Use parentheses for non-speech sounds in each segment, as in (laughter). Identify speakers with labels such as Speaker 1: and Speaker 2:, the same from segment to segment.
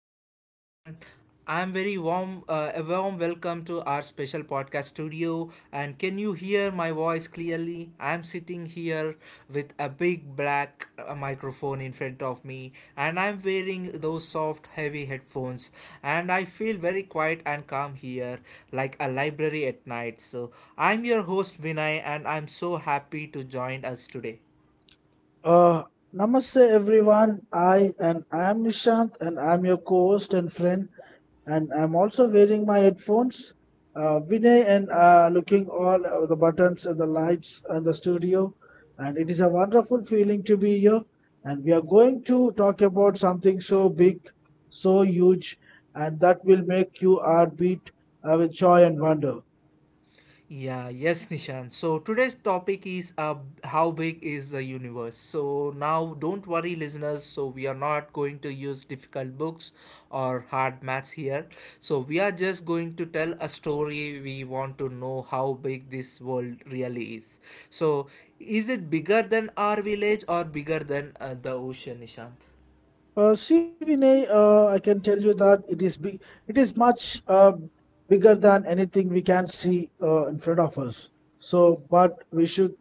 Speaker 1: namaste, everyone. I'm very warm, a warm welcome to our special podcast studio. And can you hear my voice clearly? I'm sitting here with a big black microphone in front of me, and I'm wearing those soft, heavy headphones. And I feel very quiet and calm here, like a library at night. So I'm your host, Vinay, and I'm so happy to join us today.
Speaker 2: Uh, Namaste everyone. I am Nishant and I am your co-host and friend, and I'm also wearing my headphones, Vinay, and looking all the buttons and the lights and the studio, and it is a wonderful feeling to be here, and we are going to talk about something so big, so huge, and that will make you heartbeat with joy and wonder.
Speaker 1: Yeah, yes, Nishan. So today's topic is how big is the universe. So now don't worry, listeners. So we are not going to use difficult books or hard maths here. So we are just going to tell a story. We want to know how big this world really is. So is it bigger than our village or bigger than the ocean, Nishant?
Speaker 2: See, Vinay, I can tell you that it is big, it is much bigger than anything we can see in front of us. So,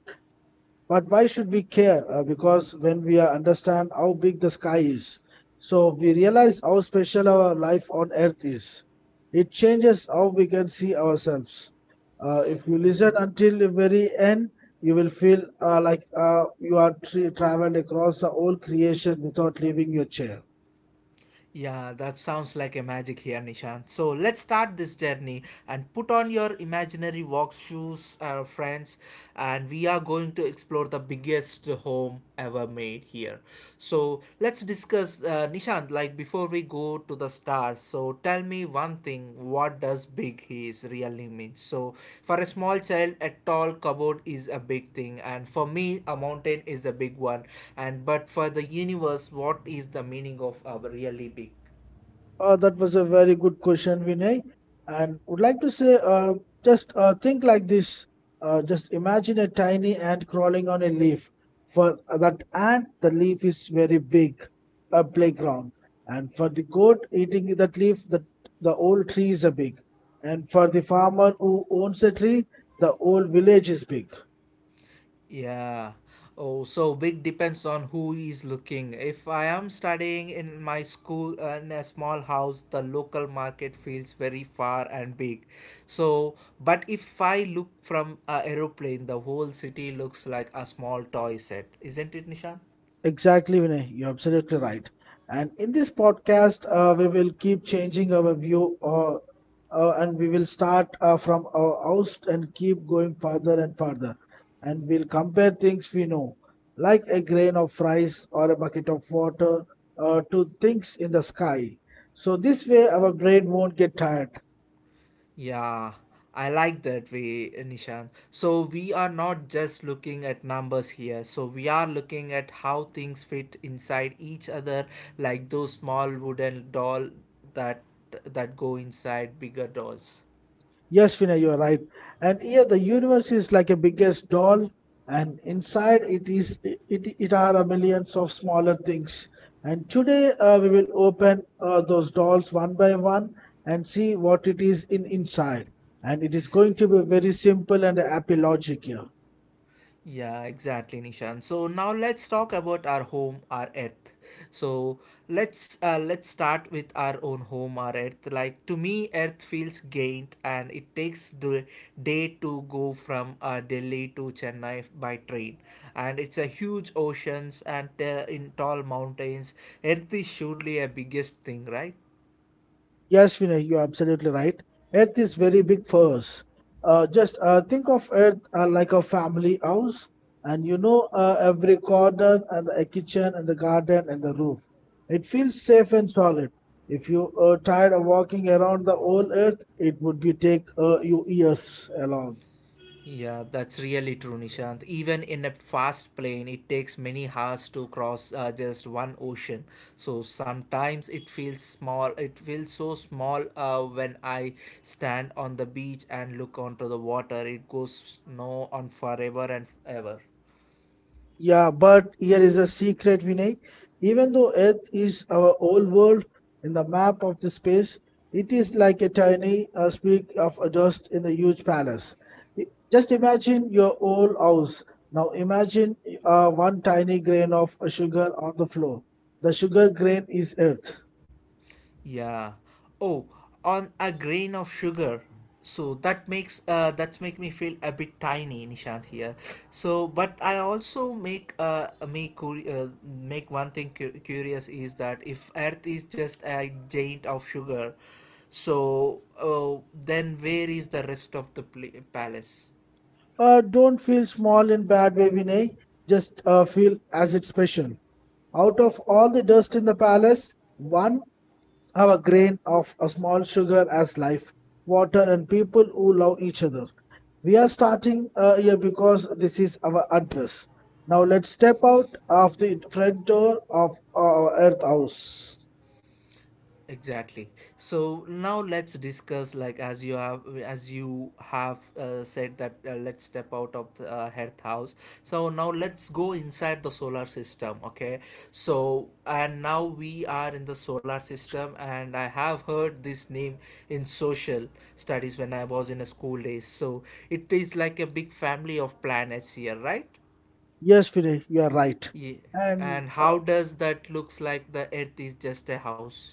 Speaker 2: but why should we care? Because when we understand how big the sky is, so we realize how special our life on Earth is. It changes how we can see ourselves. If you listen until the very end, you will feel like you are traveled across the whole creation without leaving your chair.
Speaker 1: Yeah, that sounds like a magic here, Nishant. So let's start this journey and put on your imaginary walk shoes, friends, and we are going to explore the biggest home ever made here. So let's discuss, Nishant. Like before we go to the stars, so tell me one thing what does big is really mean? So, for a small child, a tall cupboard is a big thing, and for me, a mountain is a big one. And but for the universe, what is the meaning of a really big?
Speaker 2: That was a very good question, Vinay. And would like to say, just think like this. Just imagine a tiny ant crawling on a leaf. For that ant, the leaf is very big, a playground. And for the goat eating that leaf, the whole tree is a big. And for the farmer who owns a tree, the whole village is big.
Speaker 1: Yeah. Oh, so big depends on who is looking. If I am studying in my school in a small house, the local market feels very far and big. So, but if I look from a aeroplane, the whole city looks like a small toy set. Isn't it, Nishan?
Speaker 2: Exactly, Vinay. You're absolutely right. And in this podcast, we will keep changing our view, and we will start from our house and keep going further and further. And we'll compare things we know, like a grain of rice or a bucket of water, to things in the sky. So this way, our brain won't get tired.
Speaker 1: Yeah, I like that way, Nishan. So we are not just looking at numbers here. So we are looking at how things fit inside each other, like those small wooden doll that that go inside bigger dolls.
Speaker 2: Yes, Vinay, you are right. And here the universe is like a biggest doll, and inside it it are a millions of smaller things. And today we will open those dolls one by one and see what it is in inside. And it is going to be very simple and happy logic here.
Speaker 1: Yeah, exactly, Nishan. So now let's talk about our home, our earth. So let's start with our own home, our earth. Like to me, earth feels gained, and it takes the day to go from Delhi to Chennai by train, and it's a huge oceans and in tall mountains. Earth is surely a biggest thing, right?
Speaker 2: Yes, Vinay, you're absolutely right. Earth is very big for us. Just think of Earth like a family house, and you know every corner and the kitchen and the garden and the roof. It feels safe and solid. If you are tired of walking around the whole Earth, it would be take you years along.
Speaker 1: Yeah, that's really true, Nishant. Even in a fast plane, it takes many hours to cross just one ocean. So sometimes it feels small. It feels so small when I stand on the beach and look onto the water. It goes no on forever and ever.
Speaker 2: Yeah, but here is a secret, Vinay. Even though Earth is our old world in the map of the space, it is like a tiny speck of a dust in a huge palace. Just imagine your old house. Now imagine one tiny grain of sugar on the floor. The sugar grain is Earth.
Speaker 1: Yeah. Oh, on a grain of sugar. So that makes that's make me feel a bit tiny, Nishant here. So, but I also make one thing curious is that if Earth is just a giant of sugar, so then where is the rest of the palace?
Speaker 2: Don't feel small in bad way, Vinay. Just feel as it's special. Out of all the dust in the palace, one have a grain of a small sugar as life, water, and people who love each other. We are starting here because this is our address. Now let's step out of the front door of our Earth House.
Speaker 1: Exactly. So now let's discuss like as you have said that let's step out of the Earth house. So now let's go inside the solar system, okay? So and now we are in the solar system and I have heard this name in social studies when I was in a school days. So it is like a big family of planets here, right?
Speaker 2: Yes, Vinay, you are right.
Speaker 1: Yeah.
Speaker 2: And
Speaker 1: And how does that looks like the Earth is just a house?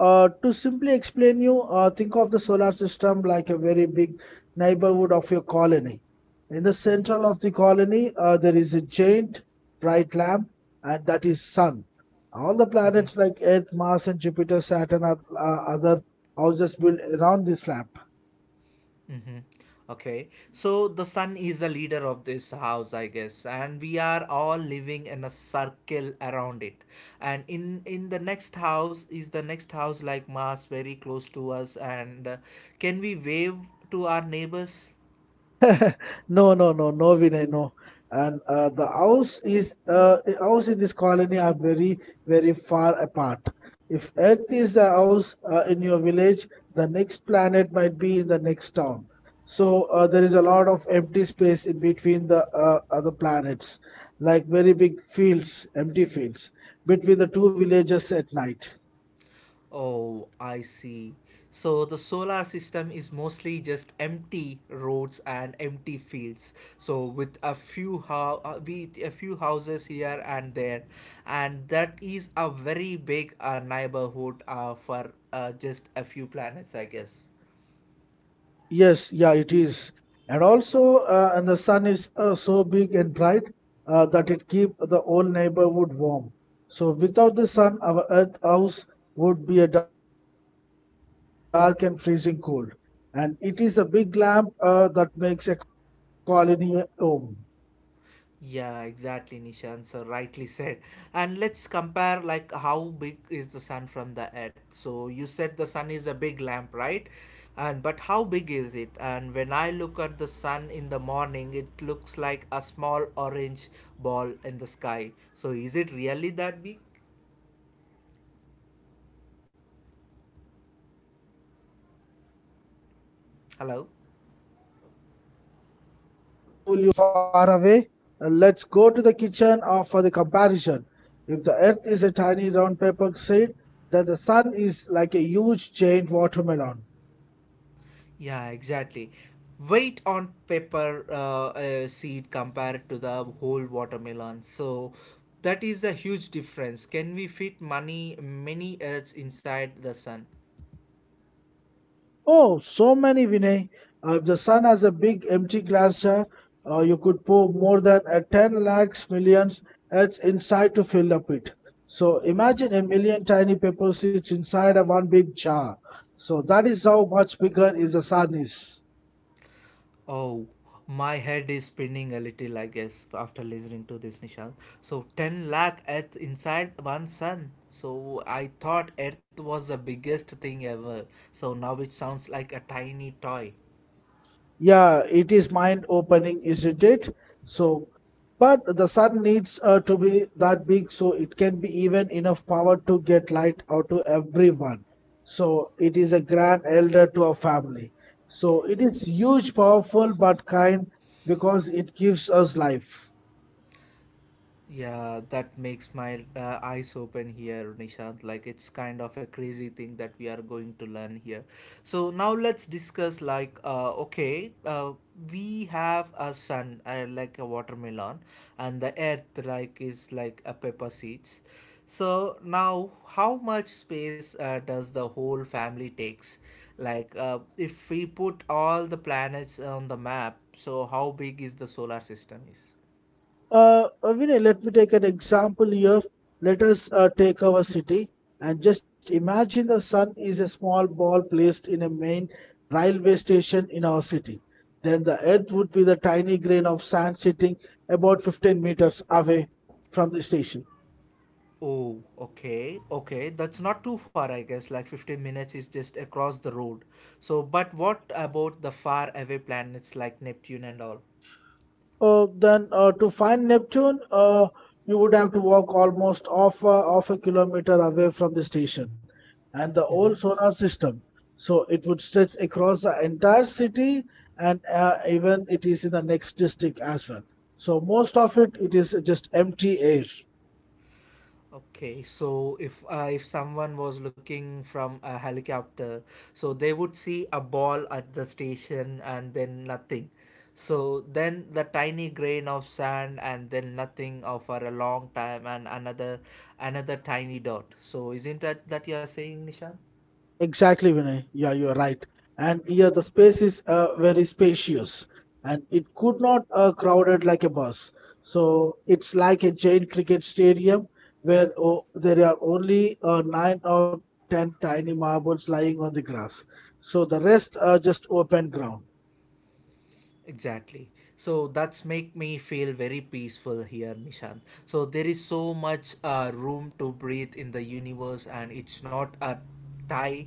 Speaker 2: To simply explain you, think of the solar system like a very big neighborhood of your colony. In the central of the colony, there is a giant bright lamp, and that is sun. All the planets like Earth, Mars, and Jupiter, Saturn are other houses built around this lamp.
Speaker 1: Okay, so the sun is the leader of this house, I guess, and we are all living in a circle around it. And in the next house is the next house like Mars, very close to us. And can we wave to our neighbors?
Speaker 2: (laughs) No, no, no, no, Vinay, no. And the house is I- House in this colony are very, very far apart. If Earth is a house in your village, the next planet might be in the next town. So there is a lot of empty space in between the other planets, like very big fields, empty fields between the two villages at night.
Speaker 1: Oh, I see. So the solar system is mostly just empty roads and empty fields. So with a with a few houses here and there, and that is a very big neighborhood for just a few planets, I guess.
Speaker 2: Yes, yeah, it is. And also, and the sun is so big and bright that it keep the whole neighborhood warm. So without the sun, our earth house would be a dark and freezing cold. And it is a big lamp that makes a colony a home.
Speaker 1: Yeah, exactly, Nishan. So rightly said. And let's compare like how big is the sun from the earth. So you said the sun is a big lamp, right? And but how big is it? And when I look at the sun in the morning, it looks like a small orange ball in the sky. So is it really that big?
Speaker 2: Don't let your eyes fool you, Vinay.
Speaker 1: Hello?
Speaker 2: The sun looks small only because it is very far away. Let's go to the kitchen for the comparison. If the earth is a tiny round paper seed, then the sun is like a huge giant watermelon.
Speaker 1: Yeah, exactly. Weight on paper seed compared to the whole watermelon. So that is the huge difference. Can we fit money many earths inside the sun?
Speaker 2: Oh, so many, Vinay. If the sun has a big empty glass jar, you could pour more than a 10 lakhs millions it's inside to fill up it. So imagine a million tiny pepper seeds inside a one big jar. So that is how much bigger is the sun is.
Speaker 1: Oh, my head is spinning a little, I guess, after listening to this, Nishant. So 10 lakh earth inside one sun. So I thought earth was the biggest thing ever. So now it sounds like a tiny toy.
Speaker 2: Yeah, it is mind opening, isn't it? So, but the sun needs to be that big so it can be even enough power to get light out to everyone. So, it is a grand elder to our family. So, it is huge, powerful, but kind because it gives us life.
Speaker 1: Yeah, that makes my eyes open here, Nishant. Like it's kind of a crazy thing that we are going to learn here. So now let's discuss like okay, we have a sun like a watermelon, and the earth like is like a pepper seeds. So now how much space does the whole family takes? Like if we put all the planets on the map, so how big is the solar system is?
Speaker 2: Vinay, let me take an example here. Let us take our city and just imagine the sun is a small ball placed in a main railway station in our city. Then the earth would be the tiny grain of sand sitting about 15 meters away from the station.
Speaker 1: Oh, okay, okay. That's not too far, I guess. Like 15 minutes is just across the road. So, but what about the far away planets like Neptune and all?
Speaker 2: Then to find Neptune, you would have to walk almost off a kilometer away from the station and the whole
Speaker 1: Mm-hmm.
Speaker 2: solar system. So it would stretch across the entire city, and even it is in the next district as well. So most of it, it is just empty air.
Speaker 1: Okay, so if someone was looking from a helicopter, so they would see a ball at the station and then nothing. So then the tiny grain of sand and then nothing for a long time and another tiny dot. So isn't that that you're saying, Nishan?
Speaker 2: Exactly, Vinay. Yeah, you're right. And here the space is very spacious and it could not crowded like a bus. So it's like a giant cricket stadium where oh, there are only nine or ten tiny marbles lying on the grass. So the rest are just open ground.
Speaker 1: Exactly. So that's make me feel very peaceful here, Nishan. So there is so much room to breathe in the universe, and it's not a tie.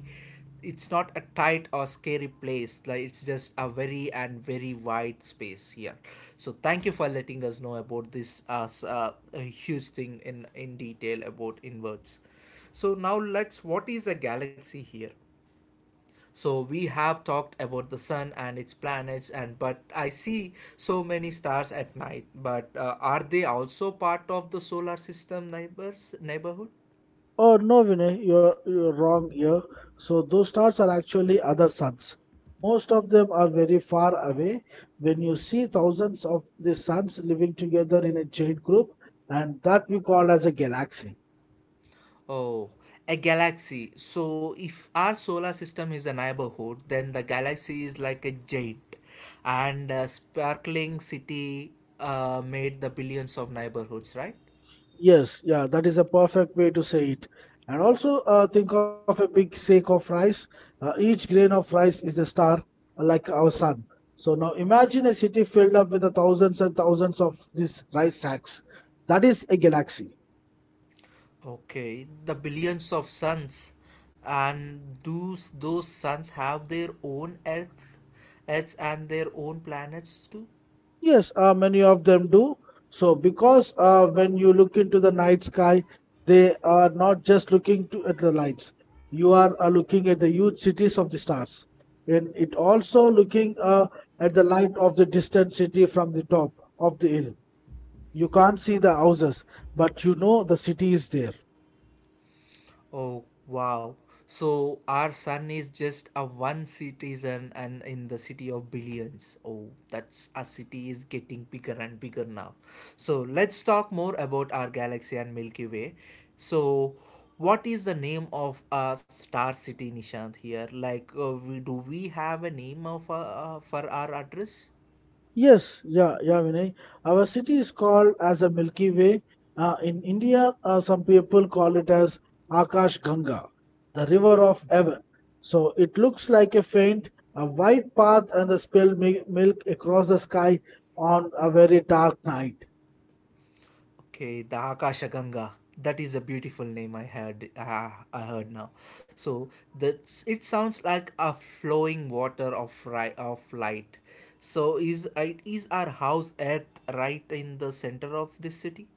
Speaker 1: It's not a tight or scary place. Like it's just a very and very wide space here. So thank you for letting us know about this as a huge thing in detail about inverts. So now let's. What is a galaxy here? So we have talked about the sun and its planets and but I see so many stars at night but are they also part of the solar system neighbors neighborhood?
Speaker 2: Oh no, Vinay, you're wrong here. So those stars are actually other suns. Most of them are very far away. When you see thousands of these suns living together in a giant group, and that we call as a galaxy.
Speaker 1: Oh, a galaxy. So if our solar system is a neighborhood then the galaxy is like a giant and a sparkling city made the billions of neighborhoods, right?
Speaker 2: Yes, yeah, that is a perfect way to say it. And also think of a big sack of rice. Each grain of rice is a star, like our sun. So now imagine a city filled up with the thousands and thousands of these rice sacks. That is a galaxy.
Speaker 1: Okay, the billions of suns, and those suns have their own Earths and their own planets too.
Speaker 2: Yes, many of them do. So, because when you look into the night sky, they are not just at the lights. You are looking at the huge cities of the stars, and it also looking at the light of the distant city from the top of the hill. You can't see the houses, but you know the city is there.
Speaker 1: Oh wow. So our sun is just a one citizen and in the city of billions. Oh, that's our city is getting bigger and bigger now. So let's talk more about our galaxy and Milky Way. So what is the name of a star city Nishant here? Like do we have a name of for our address?
Speaker 2: Yes, yeah, yeah, Vinay. Our city is called as a Milky Way. In India, some people call it as Akash Ganga, the river of heaven. So it looks like a faint, a white path and a spilled milk across the sky on a very dark night.
Speaker 1: Okay, the Akasha Ganga. That is a beautiful name I heard. Ah, I heard now. So that's it sounds like a flowing water of of light. So is it is our house Earth right in the center of this city?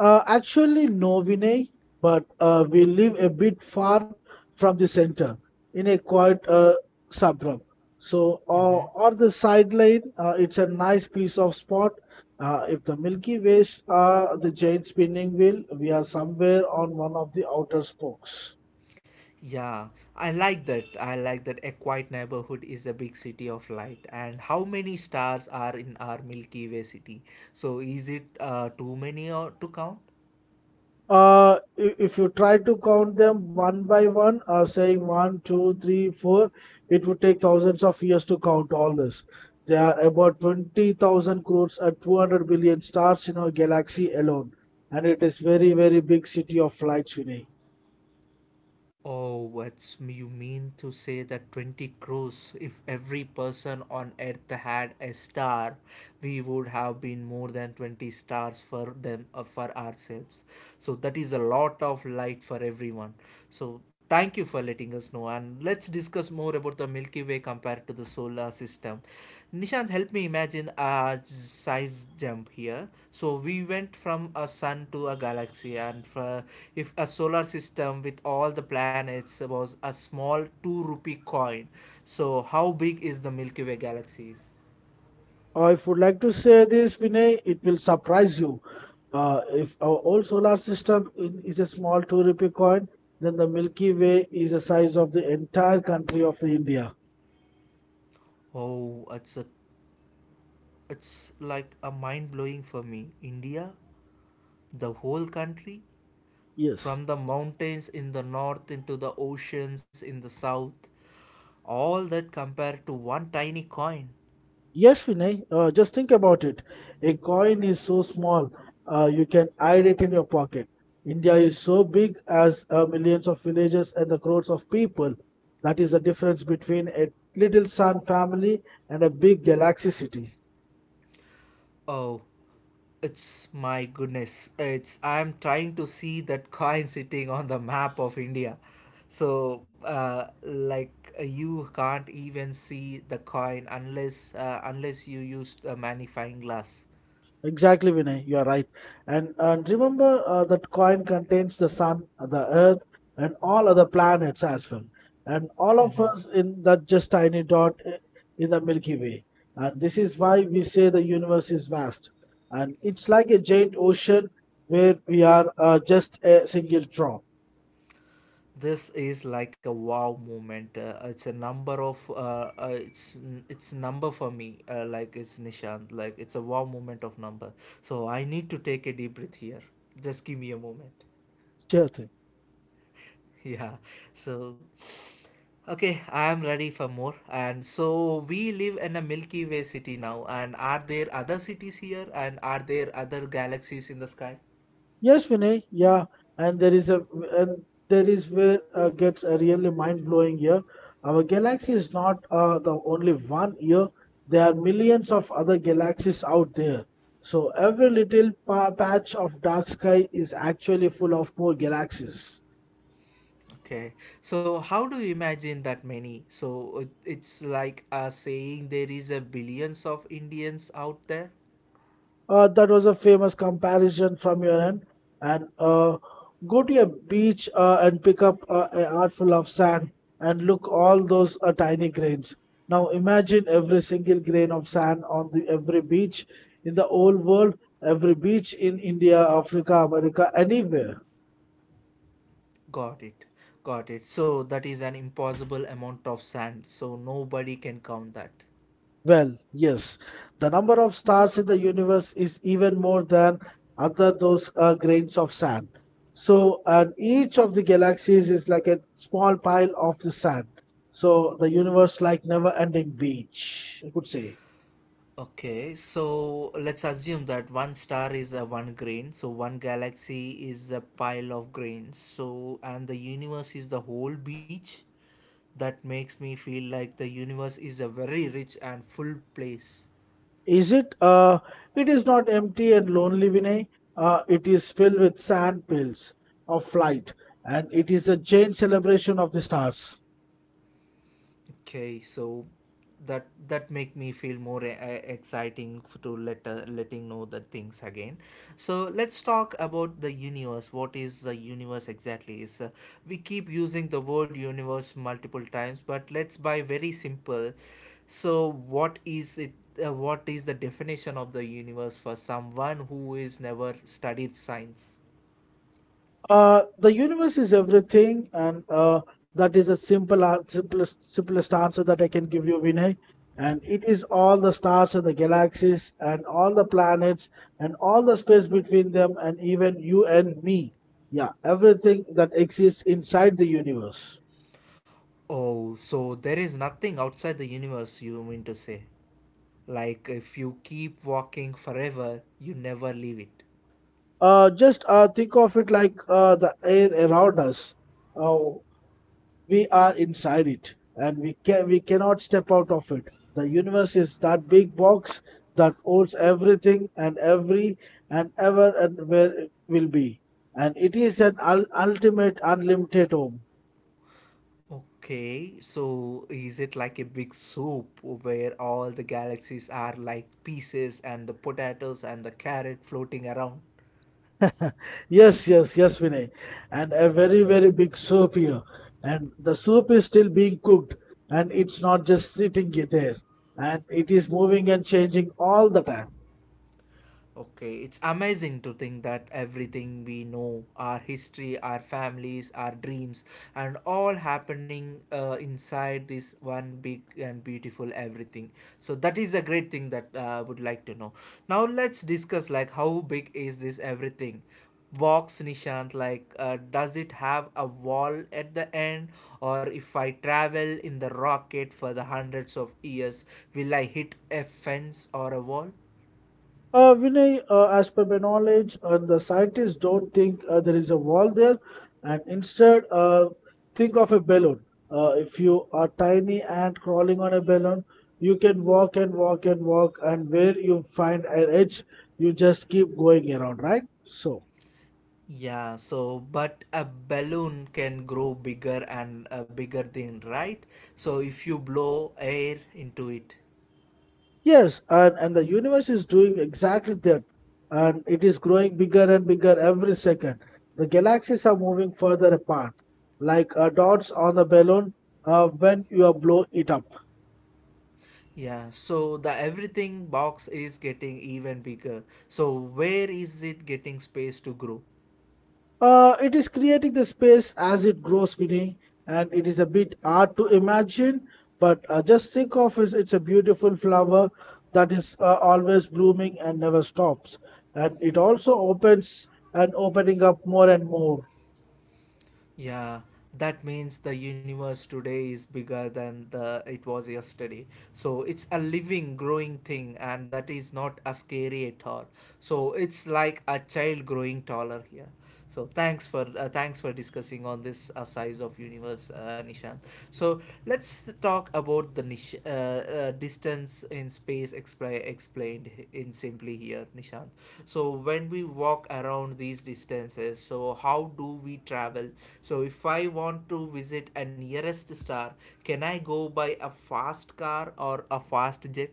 Speaker 2: Actually, no, Vinay, but we live a bit far from the center in a quiet suburb. So,
Speaker 1: Mm-hmm.
Speaker 2: on the sideline, it's a nice piece of spot. If the Milky Ways are the giant spinning wheel, we are somewhere on one of the outer spokes.
Speaker 1: Yeah, I like that. I like that a quiet neighborhood is a big city of light. And how many stars are in our Milky Way city? So is it too many or to count?
Speaker 2: If you try to count them one by one, saying one, two, three, four, it would take thousands of years to count all this. There are about 20,000 crores and 200 billion stars in our galaxy alone, and it is very, very big city of lights, Vinay.
Speaker 1: Oh, what's you mean to say that 20 crores? If every person on earth had a star, we would have been more than 20 stars for them for ourselves. So that is a lot of light for everyone. So thank you for letting us know, and let's discuss more about the Milky Way compared to the solar system. Nishant, help me imagine a size jump here. So we went from a sun to a galaxy, and for, if a solar system with all the planets was a small two rupee coin, so how big is the Milky Way galaxies?
Speaker 2: If would like to say this, Vinay, it will surprise you. If our whole is a small 2 rupee coin, then the Milky Way is the size of the entire country of the India.
Speaker 1: Oh, it's like a mind blowing for me. India, the whole country,
Speaker 2: Yes.
Speaker 1: from the mountains in the north into the oceans in the south, all that compared to one tiny coin.
Speaker 2: Yes, Vinay, just think about it. A coin is so small, you can hide it in your pocket. India is so big as millions of villages and the crores of people. That is the difference between a little sun family and a big galaxy city.
Speaker 1: Oh, it's my goodness. It's I'm trying to see that coin sitting on the map of India. So, you can't even see the coin unless you use a magnifying glass.
Speaker 2: Exactly, Vinay, you are right. And remember that coin contains the sun, the earth, and all other planets as well. And all
Speaker 1: Mm-hmm.
Speaker 2: of us in that just tiny in the Milky Way. And this is why we say the universe is vast. And it's like a giant ocean where we are just a single drop.
Speaker 1: This is like a wow moment it's number for me like it's Nishant, like it's a wow moment of number. So I need to take a deep breath here. Just give me a moment.
Speaker 2: Sure thing.
Speaker 1: (laughs) Yeah. So okay, I am ready for more. And so we live in a Milky Way city now, and are there other cities here and are there other galaxies in the sky?
Speaker 2: Yes, Vinay. Yeah, and there is a and there is where gets really mind blowing here. Our galaxy is not the only one here. There are millions of other galaxies out there. So every little pa patch of dark sky is actually full of more galaxies.
Speaker 1: Okay, so how do you imagine that many? So it's like saying there is a billions of Indians out there.
Speaker 2: That was a famous comparison from your end. And go to a beach and pick up a artful of sand and look all those tiny grains. Now imagine every single grain of sand on the every beach in the whole world, every beach in India, Africa, America, anywhere.
Speaker 1: Got it, got it. So that is an impossible amount of sand. So nobody can count that.
Speaker 2: Well, yes, the number of stars in the universe is even more than other those grains of sand. So, and each of the galaxies is like a small pile of the sand. So, the universe like never-ending beach, I could say.
Speaker 1: Okay, so let's assume that one star is a one grain, so one galaxy is a pile of grains. So and the universe is the whole beach. That makes me feel like the universe is a very rich and full place.
Speaker 2: Is it? It is not empty and lonely, Vinay. It is filled with sand pills of light, and it is a giant celebration of the stars.
Speaker 1: Okay, so that make me feel more exciting to let letting know the things again. So let's talk about the universe. What is the universe exactly? Is we keep using the word universe multiple times, but let's buy very simple. So what is it? What is the definition of the universe for someone who is never studied science?
Speaker 2: The universe is everything, and that is a simple, simplest, simplest answer that I can give you, Vinay. And it is all the stars and the galaxies, and all the planets, and all the space between them, and even you and me. Yeah, everything that exists inside the universe.
Speaker 1: Oh, so there is nothing outside the universe. You mean to say? Like if you keep walking forever, you never leave it.
Speaker 2: Just think of it like the air around us. Uh, We are inside it, and we can we cannot step out of it. The universe is that big box that holds everything and every and ever and where it will be, and it is an ultimate unlimited home.
Speaker 1: Okay, so is it like a big soup where all the galaxies are like pieces and the potatoes and the carrot floating around?
Speaker 2: (laughs) Yes, yes, yes, Vinay. And a very, very big soup here. And the soup is still being cooked, and it's not just sitting there. And it is moving and changing all the time.
Speaker 1: Okay, it's amazing to think that everything we know, our history, our families, our dreams, and all happening inside this one big and beautiful everything. So that is a great thing that I would like to know. Now let's discuss like how big is this everything? Box Nishant, like does it have a wall at the end, or if I travel in the rocket for the hundreds of years, will I hit a fence or a wall?
Speaker 2: Vinay, as per my knowledge, the scientists don't think there is a wall there, and instead, think of a balloon. If you are tiny ant crawling on a balloon, you can walk and walk and walk, and where you find an edge, you just keep going around, right? So.
Speaker 1: Yeah, so but a balloon can grow bigger and a bigger thing, right? So if you blow air into it.
Speaker 2: Yes, and the universe is doing exactly that, and it is growing bigger and bigger every second. The galaxies are moving further apart, like dots on a balloon when you blow it up.
Speaker 1: Yeah, so the everything box is getting even bigger. So where is it getting space to grow?
Speaker 2: It is creating the space as it grows, Vinny, and it is a bit hard to imagine, but just think of it, it's a beautiful flower that is always blooming and never stops. And it also opens and opening up more and more.
Speaker 1: Yeah, that means the universe today is bigger than the it was yesterday. So it's a living, growing thing, and that is not a scary at all. So it's like a child growing taller here. So thanks for thanks for discussing on this size of universe, Nishant. So let's talk about the distance in space explained in simply here, Nishant. So when we walk around these distances, so how do we travel? So if I want to visit a nearest star, can I go by a fast car or a fast jet?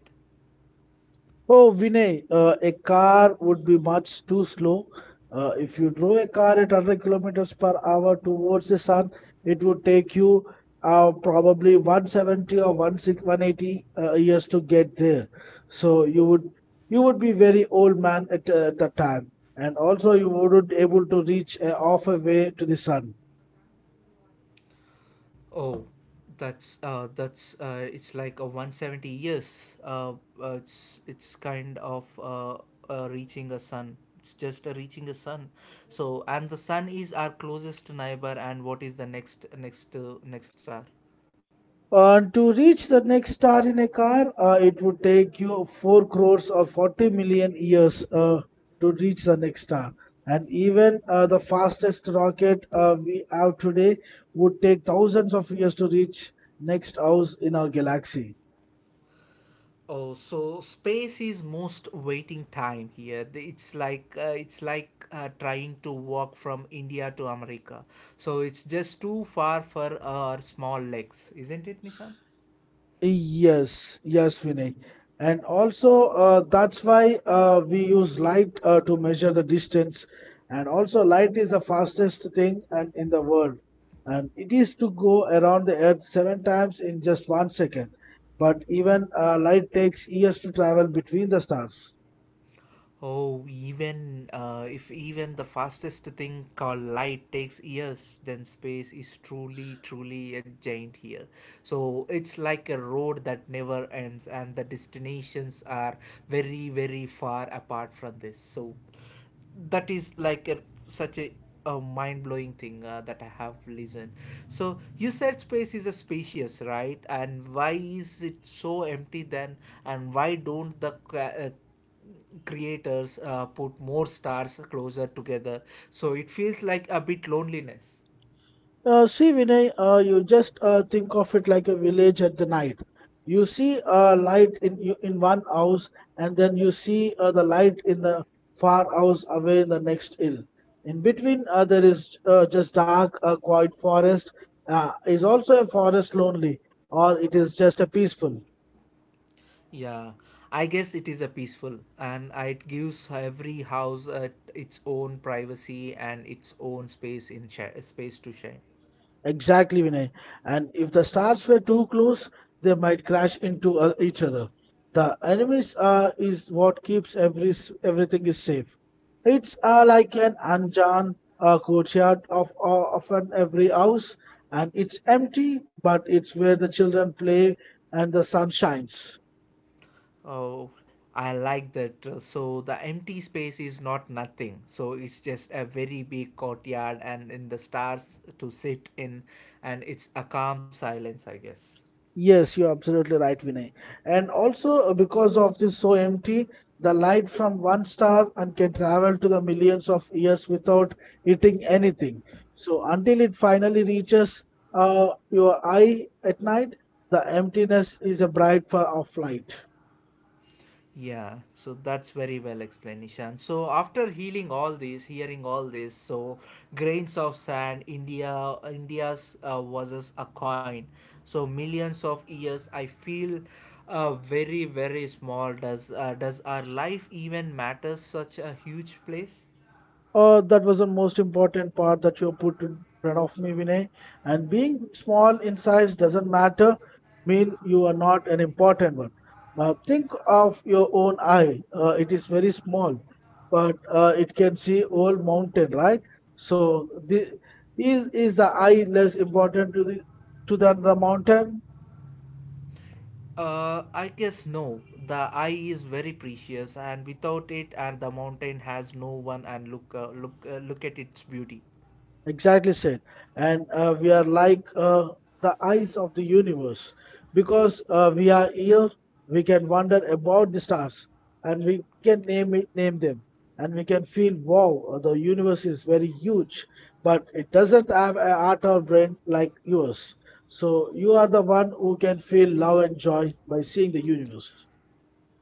Speaker 2: Oh, Vinay, a car would be much too slow. If you drove a car at 100 kilometers per hour towards the sun, it would take you probably 170 or 160, 180 years to get there. So you would be very old man at the time, and also you wouldn't able to reach half a way to the sun.
Speaker 1: Oh, that's it's like a 170 years. It's kind of reaching a sun. It's just a reaching a sun. So and the sun is our closest neighbor. And what is the next star?
Speaker 2: To reach the next star in a car, it would take you 4 crores or 40 million years to reach the next star. And even the fastest rocket we have today would take thousands of years to reach next house in our galaxy.
Speaker 1: Oh, so space is most waiting time here. It's like trying to walk from India to America. So it's just too far for our small legs, isn't it, Nishan?
Speaker 2: Yes, yes, Vinay. And also, that's why we use light to measure the distance. And also, light is the fastest thing and in the world. And it is to go around the Earth seven times in just 1 second. But even light takes years to travel between the stars.
Speaker 1: Oh, even if even the fastest thing called light takes years, then space is truly, truly a giant here. So it's like a road that never ends, and the destinations are very, very far apart from this. So that is like a, such a mind-blowing thing that I have listened. So you said space is a spacious, right? And why is it so empty then? And why don't the creators put more stars closer together so it feels like a bit loneliness
Speaker 2: See, Vinay, you just think of it like a village at the night. You see a light in you in one house, and then you see the light in the far house away in the next hill. In between, there is just dark, quiet forest. Is also a forest lonely, or it is just a peaceful.
Speaker 1: yeah I guess it is a peaceful and it gives every house its own privacy and its own space in space to shine.
Speaker 2: Exactly, Vinay. And if the stars were too close, they might crash into each other. The enemies is what keeps every everything is safe. It's like an anjan courtyard of an every house, and it's empty, but it's where the children play and the sun shines.
Speaker 1: Oh, I like that. So the empty space is not nothing so it's just a very big courtyard and in the stars to sit in and it's a calm silence I guess.
Speaker 2: Yes, you're absolutely right, Vinay. And also because of this so empty, the light from one star and can travel to the millions of years without hitting anything. So until it finally reaches your eye at night, the emptiness is a bright far of light.
Speaker 1: Yeah, so that's very well explained, Nishan. So after healing all this, hearing all this, so grains of sand, India, India's versus a coin. So millions of years, I feel very, very small. Does our life even matter such a huge place?
Speaker 2: That was the most important part that you put in front of me, Vinay. And being small in size doesn't matter, mean you are not an important one. Now think of your own eye. It is very small, but it can see whole mountain, right? So the, is the eye less important to the to than the mountain?
Speaker 1: I guess no. The eye is very precious, and without it, and the mountain has no one and look, look at its beauty.
Speaker 2: Exactly said. And we are like the eyes of the universe. Because we are here, we can wonder about the stars and we can name it, name them. And we can feel, wow, the universe is very huge, but it doesn't have an heart or brain like yours. So you are the one who can feel love and joy by seeing the universe.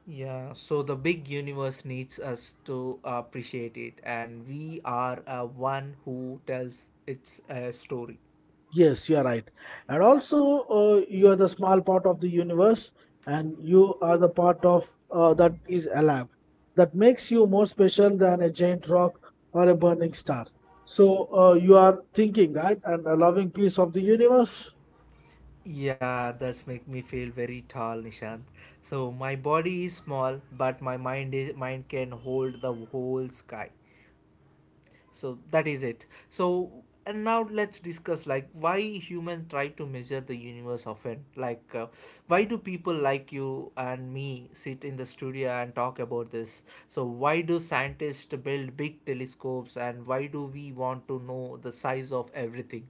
Speaker 1: Yeah, so the big universe needs us to appreciate it, and we are one who tells its story.
Speaker 2: Yes, you are right. And also, you are the small part of the universe, and you are the part of that is alive. That makes you more special than a giant rock or a burning star. So, you are thinking, right, and a loving piece of the universe.
Speaker 1: Yeah, that's make me feel very tall, Nishant. So my body is small, but my mind can hold the whole sky. So that is it so and now let's discuss like why human try to measure the universe often like why do people like you and me sit in the studio and talk about this so why do scientists build big telescopes and why do we want to know the size of everything.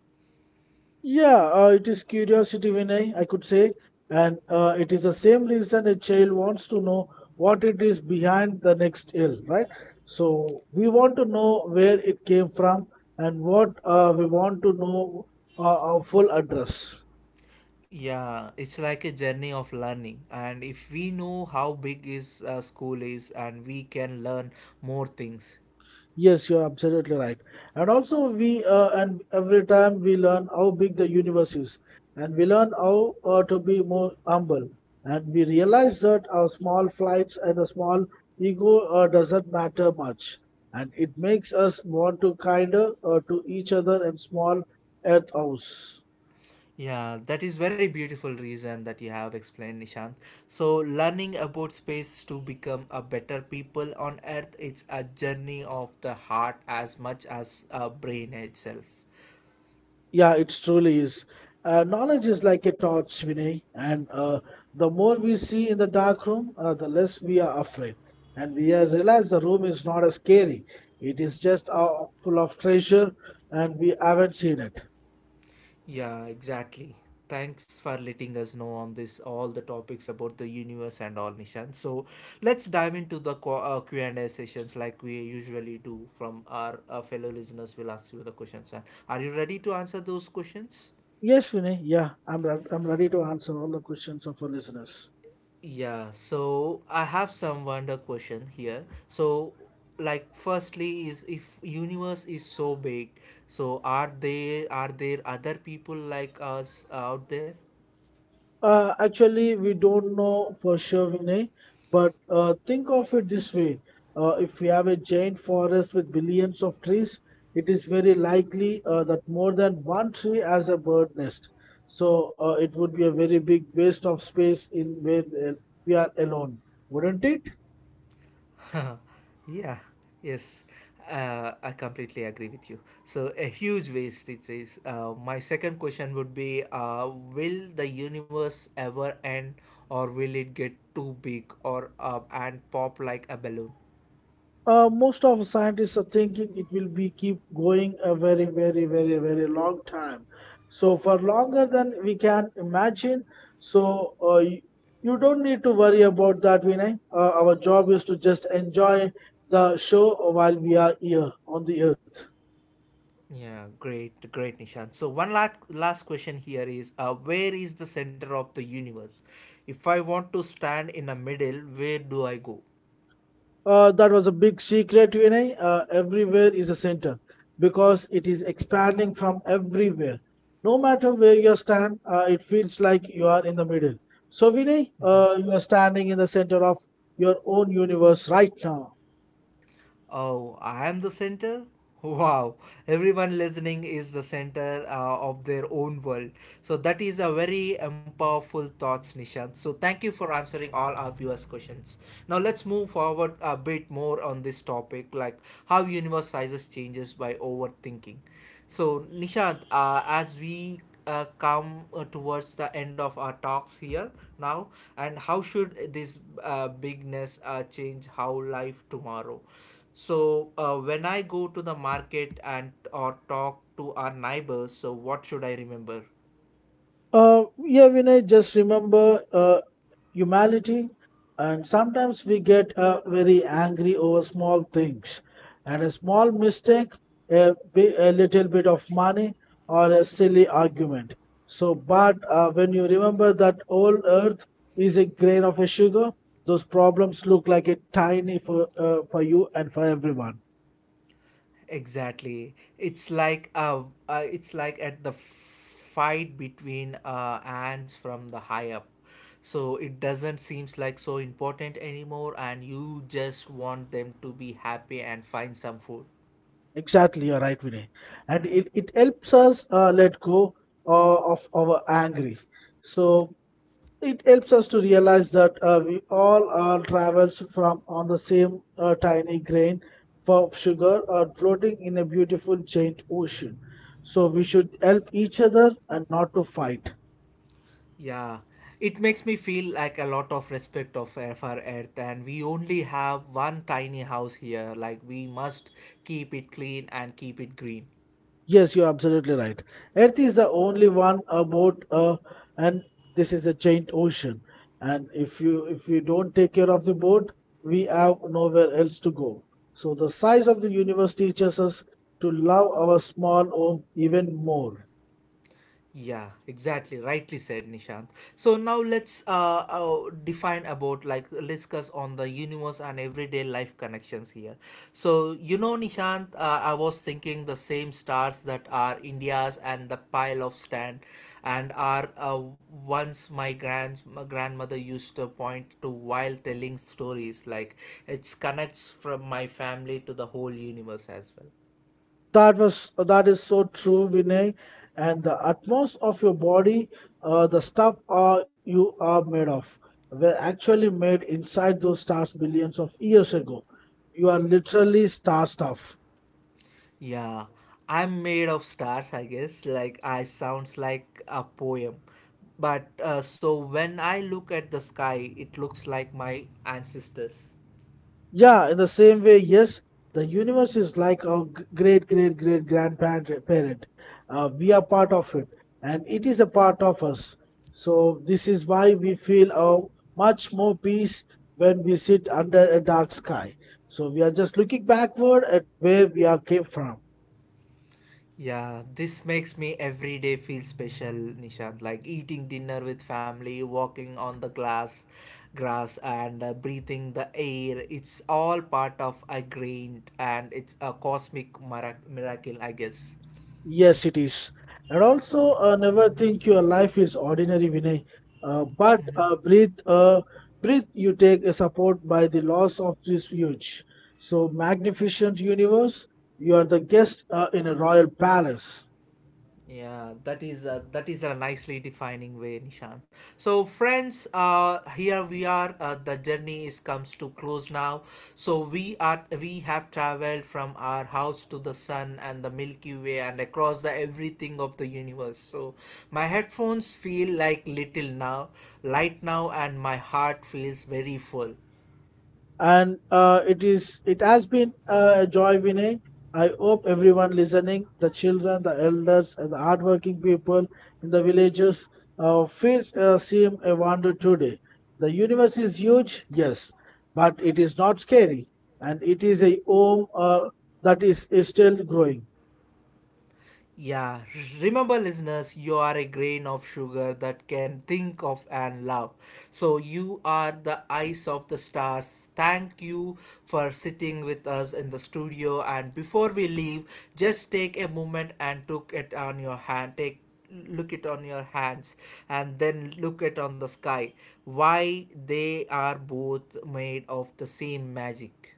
Speaker 2: Yeah, it is curiosity, Vinay, I could say, and it is the same reason a child wants to know what it is behind the next hill, right? So we want to know where it came from and what we want to know our full address.
Speaker 1: Yeah, it's like a journey of learning and if we know how big is school is and we can learn more things.
Speaker 2: Yes, you're absolutely right. And also we and every time we learn how big the universe is, and we learn how to be more humble, and we realize that our small flights and the small ego doesn't matter much, and it makes us want to kinder to each other and small earth house.
Speaker 1: Yeah, that is very beautiful reason that you have explained, Nishant. So learning about space to become a better people on earth it's a journey of the heart as much as a brain itself.
Speaker 2: Yeah, it truly is. Knowledge is like a torch, Vinay, and the more we see in the dark room, the less we are afraid. And we realize the room is not as scary. It is just full of treasure, and we haven't seen it.
Speaker 1: Yeah, exactly. Thanks for letting us know on this all the topics about the universe and all, Nishant. So let's dive into the Q and A sessions like we usually do. From our fellow listeners, we'll ask you the questions. And are you ready to answer those questions?
Speaker 2: Yes, Vinay. Yeah, I'm ready to answer all the questions of our listeners.
Speaker 1: Yeah, so I have some wonder question here. So like firstly is if universe is so big, so are they are there other people like us out there?
Speaker 2: Actually, we don't know for sure, Vinay, but think of it this way. If we have a giant forest with billions of trees, it is very likely that more than one tree has a bird nest. So it would be a very big waste of space in where uh, we are alone, wouldn't it?
Speaker 1: (laughs) Yeah. Yes. I completely agree with you. So a huge waste it says. My second question would be will the universe ever end or will it get too big or and pop like a balloon?
Speaker 2: Most of scientists are thinking it will be keep going a very, very, very, very long time. So for longer than we can imagine. So you don't need to worry about that, Vinay. Our job is to just enjoy the show while we are here on the earth.
Speaker 1: Yeah, great, great, Nishant. So one last last question here is, where is the center of the universe? If I want to stand in the middle, where do I go?
Speaker 2: That was a big secret, Vinay. Everywhere is a center because it is expanding from everywhere. No matter where you stand, it feels like you are in the middle. So, Vinay, you are standing in the center of your own universe right now.
Speaker 1: Oh, I am the center? (laughs) Wow, everyone listening is the center of their own world. So that is a very powerful thoughts, Nishant. So thank you for answering all our viewers' questions. Now let's move forward a bit more on this topic, like how universe sizes changes by overthinking. So Nishant, as we come towards the end of our talks here now and how should this bigness change how life tomorrow so when I go to the market and or talk to our neighbors, so what should I remember?
Speaker 2: Yeah, Vinay, just remember humanity, and sometimes we get very angry over small things, and a small mistake, a, a little bit of money, or a silly argument. So, but when you remember that all earth is a grain of a sugar, those problems look like a tiny for you and for everyone.
Speaker 1: Exactly. It's like at the fight between ants from the high up. So it doesn't seems like so important anymore and you just want them to be happy and find some food.
Speaker 2: Exactly, you're right, Vinay. And it helps us let go of our angry. So it helps us to realize that we all are travels from on the same tiny grain of sugar or floating in a beautiful giant ocean. So we should help each other and not to fight.
Speaker 1: Yeah, it makes me feel like a lot of respect of for Earth, and we only have one tiny house here. Like we must keep it clean and keep it green.
Speaker 2: Yes, you're absolutely right. Earth is the only one about and this is a giant ocean. And if you don't take care of the boat, we have nowhere else to go. So the size of the universe teaches us to love our small home even more.
Speaker 1: Yeah, exactly. Rightly said, Nishant. So now let's define about like discuss on the universe and everyday life connections here. So you know, Nishant, I was thinking the same stars that are India's and the pile of sand, and are once my grand my grandmother used to point to while telling stories like it connects from my family to the whole universe as well.
Speaker 2: That is so true, Vinay. And the utmost of your body, the stuff are, you are made of, were actually made inside those stars billions of years ago. You are literally star stuff.
Speaker 1: Yeah, I'm made of stars, I guess. Like I sounds like a poem. But so when I look at the sky, it looks like my ancestors.
Speaker 2: Yeah, in the same way, yes, the universe is like our great great great grandparent. We are part of it, and it is a part of us. So this is why we feel much more peace when we sit under a dark sky. So we are just looking backward at where we are came from.
Speaker 1: Yeah, this makes me every day feel special, Nishant. Like eating dinner with family, walking on the grass, and breathing the air. It's all part of a grain, and it's a cosmic miracle, I guess.
Speaker 2: Yes, it is. And also, never think your life is ordinary, Vinay. Uh, but
Speaker 1: Mm-hmm.
Speaker 2: uh, breath, uh, breath you take is support by the loss of this huge. So magnificent universe, you are the guest in a royal palace.
Speaker 1: Yeah, that is a nicely defining way, Nishant. So, friends, here we are. The journey is comes to close now. So we have traveled from our house to the sun and the Milky Way and across the everything of the universe. So my headphones feel like little now, light now, and my heart feels very full.
Speaker 2: And it is it has been a joy, Vinay. I hope everyone listening, the children, the elders, and the hardworking people in the villages feels seem a wonder today. The universe is huge, yes, but it is not scary, and it is a home that is still growing.
Speaker 1: Yeah, remember, listeners, you are a grain of sugar that can think of and love. So, you are the eyes of the stars. Thank you for sitting with us in the studio. And before we leave, just take a moment and took it on your hand. Take look it on your hands and then look it on the sky why they are both made of the same magic.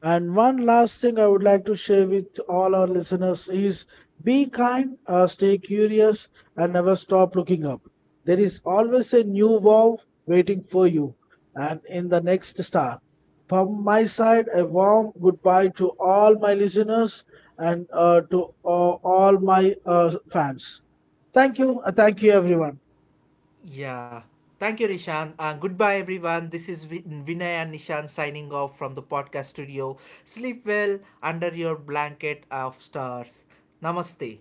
Speaker 2: And one last thing I would like to share with all our listeners is be kind, stay curious, and never stop looking up. There is always a new wow waiting for you and in the next star. From my side, a warm goodbye to all my listeners and to all my fans. Thank you. Thank you, everyone.
Speaker 1: Yeah. Thank you, Nishan. Goodbye, everyone. This is Vinay and Nishan signing off from the podcast studio. Sleep well under your blanket of stars. Namaste.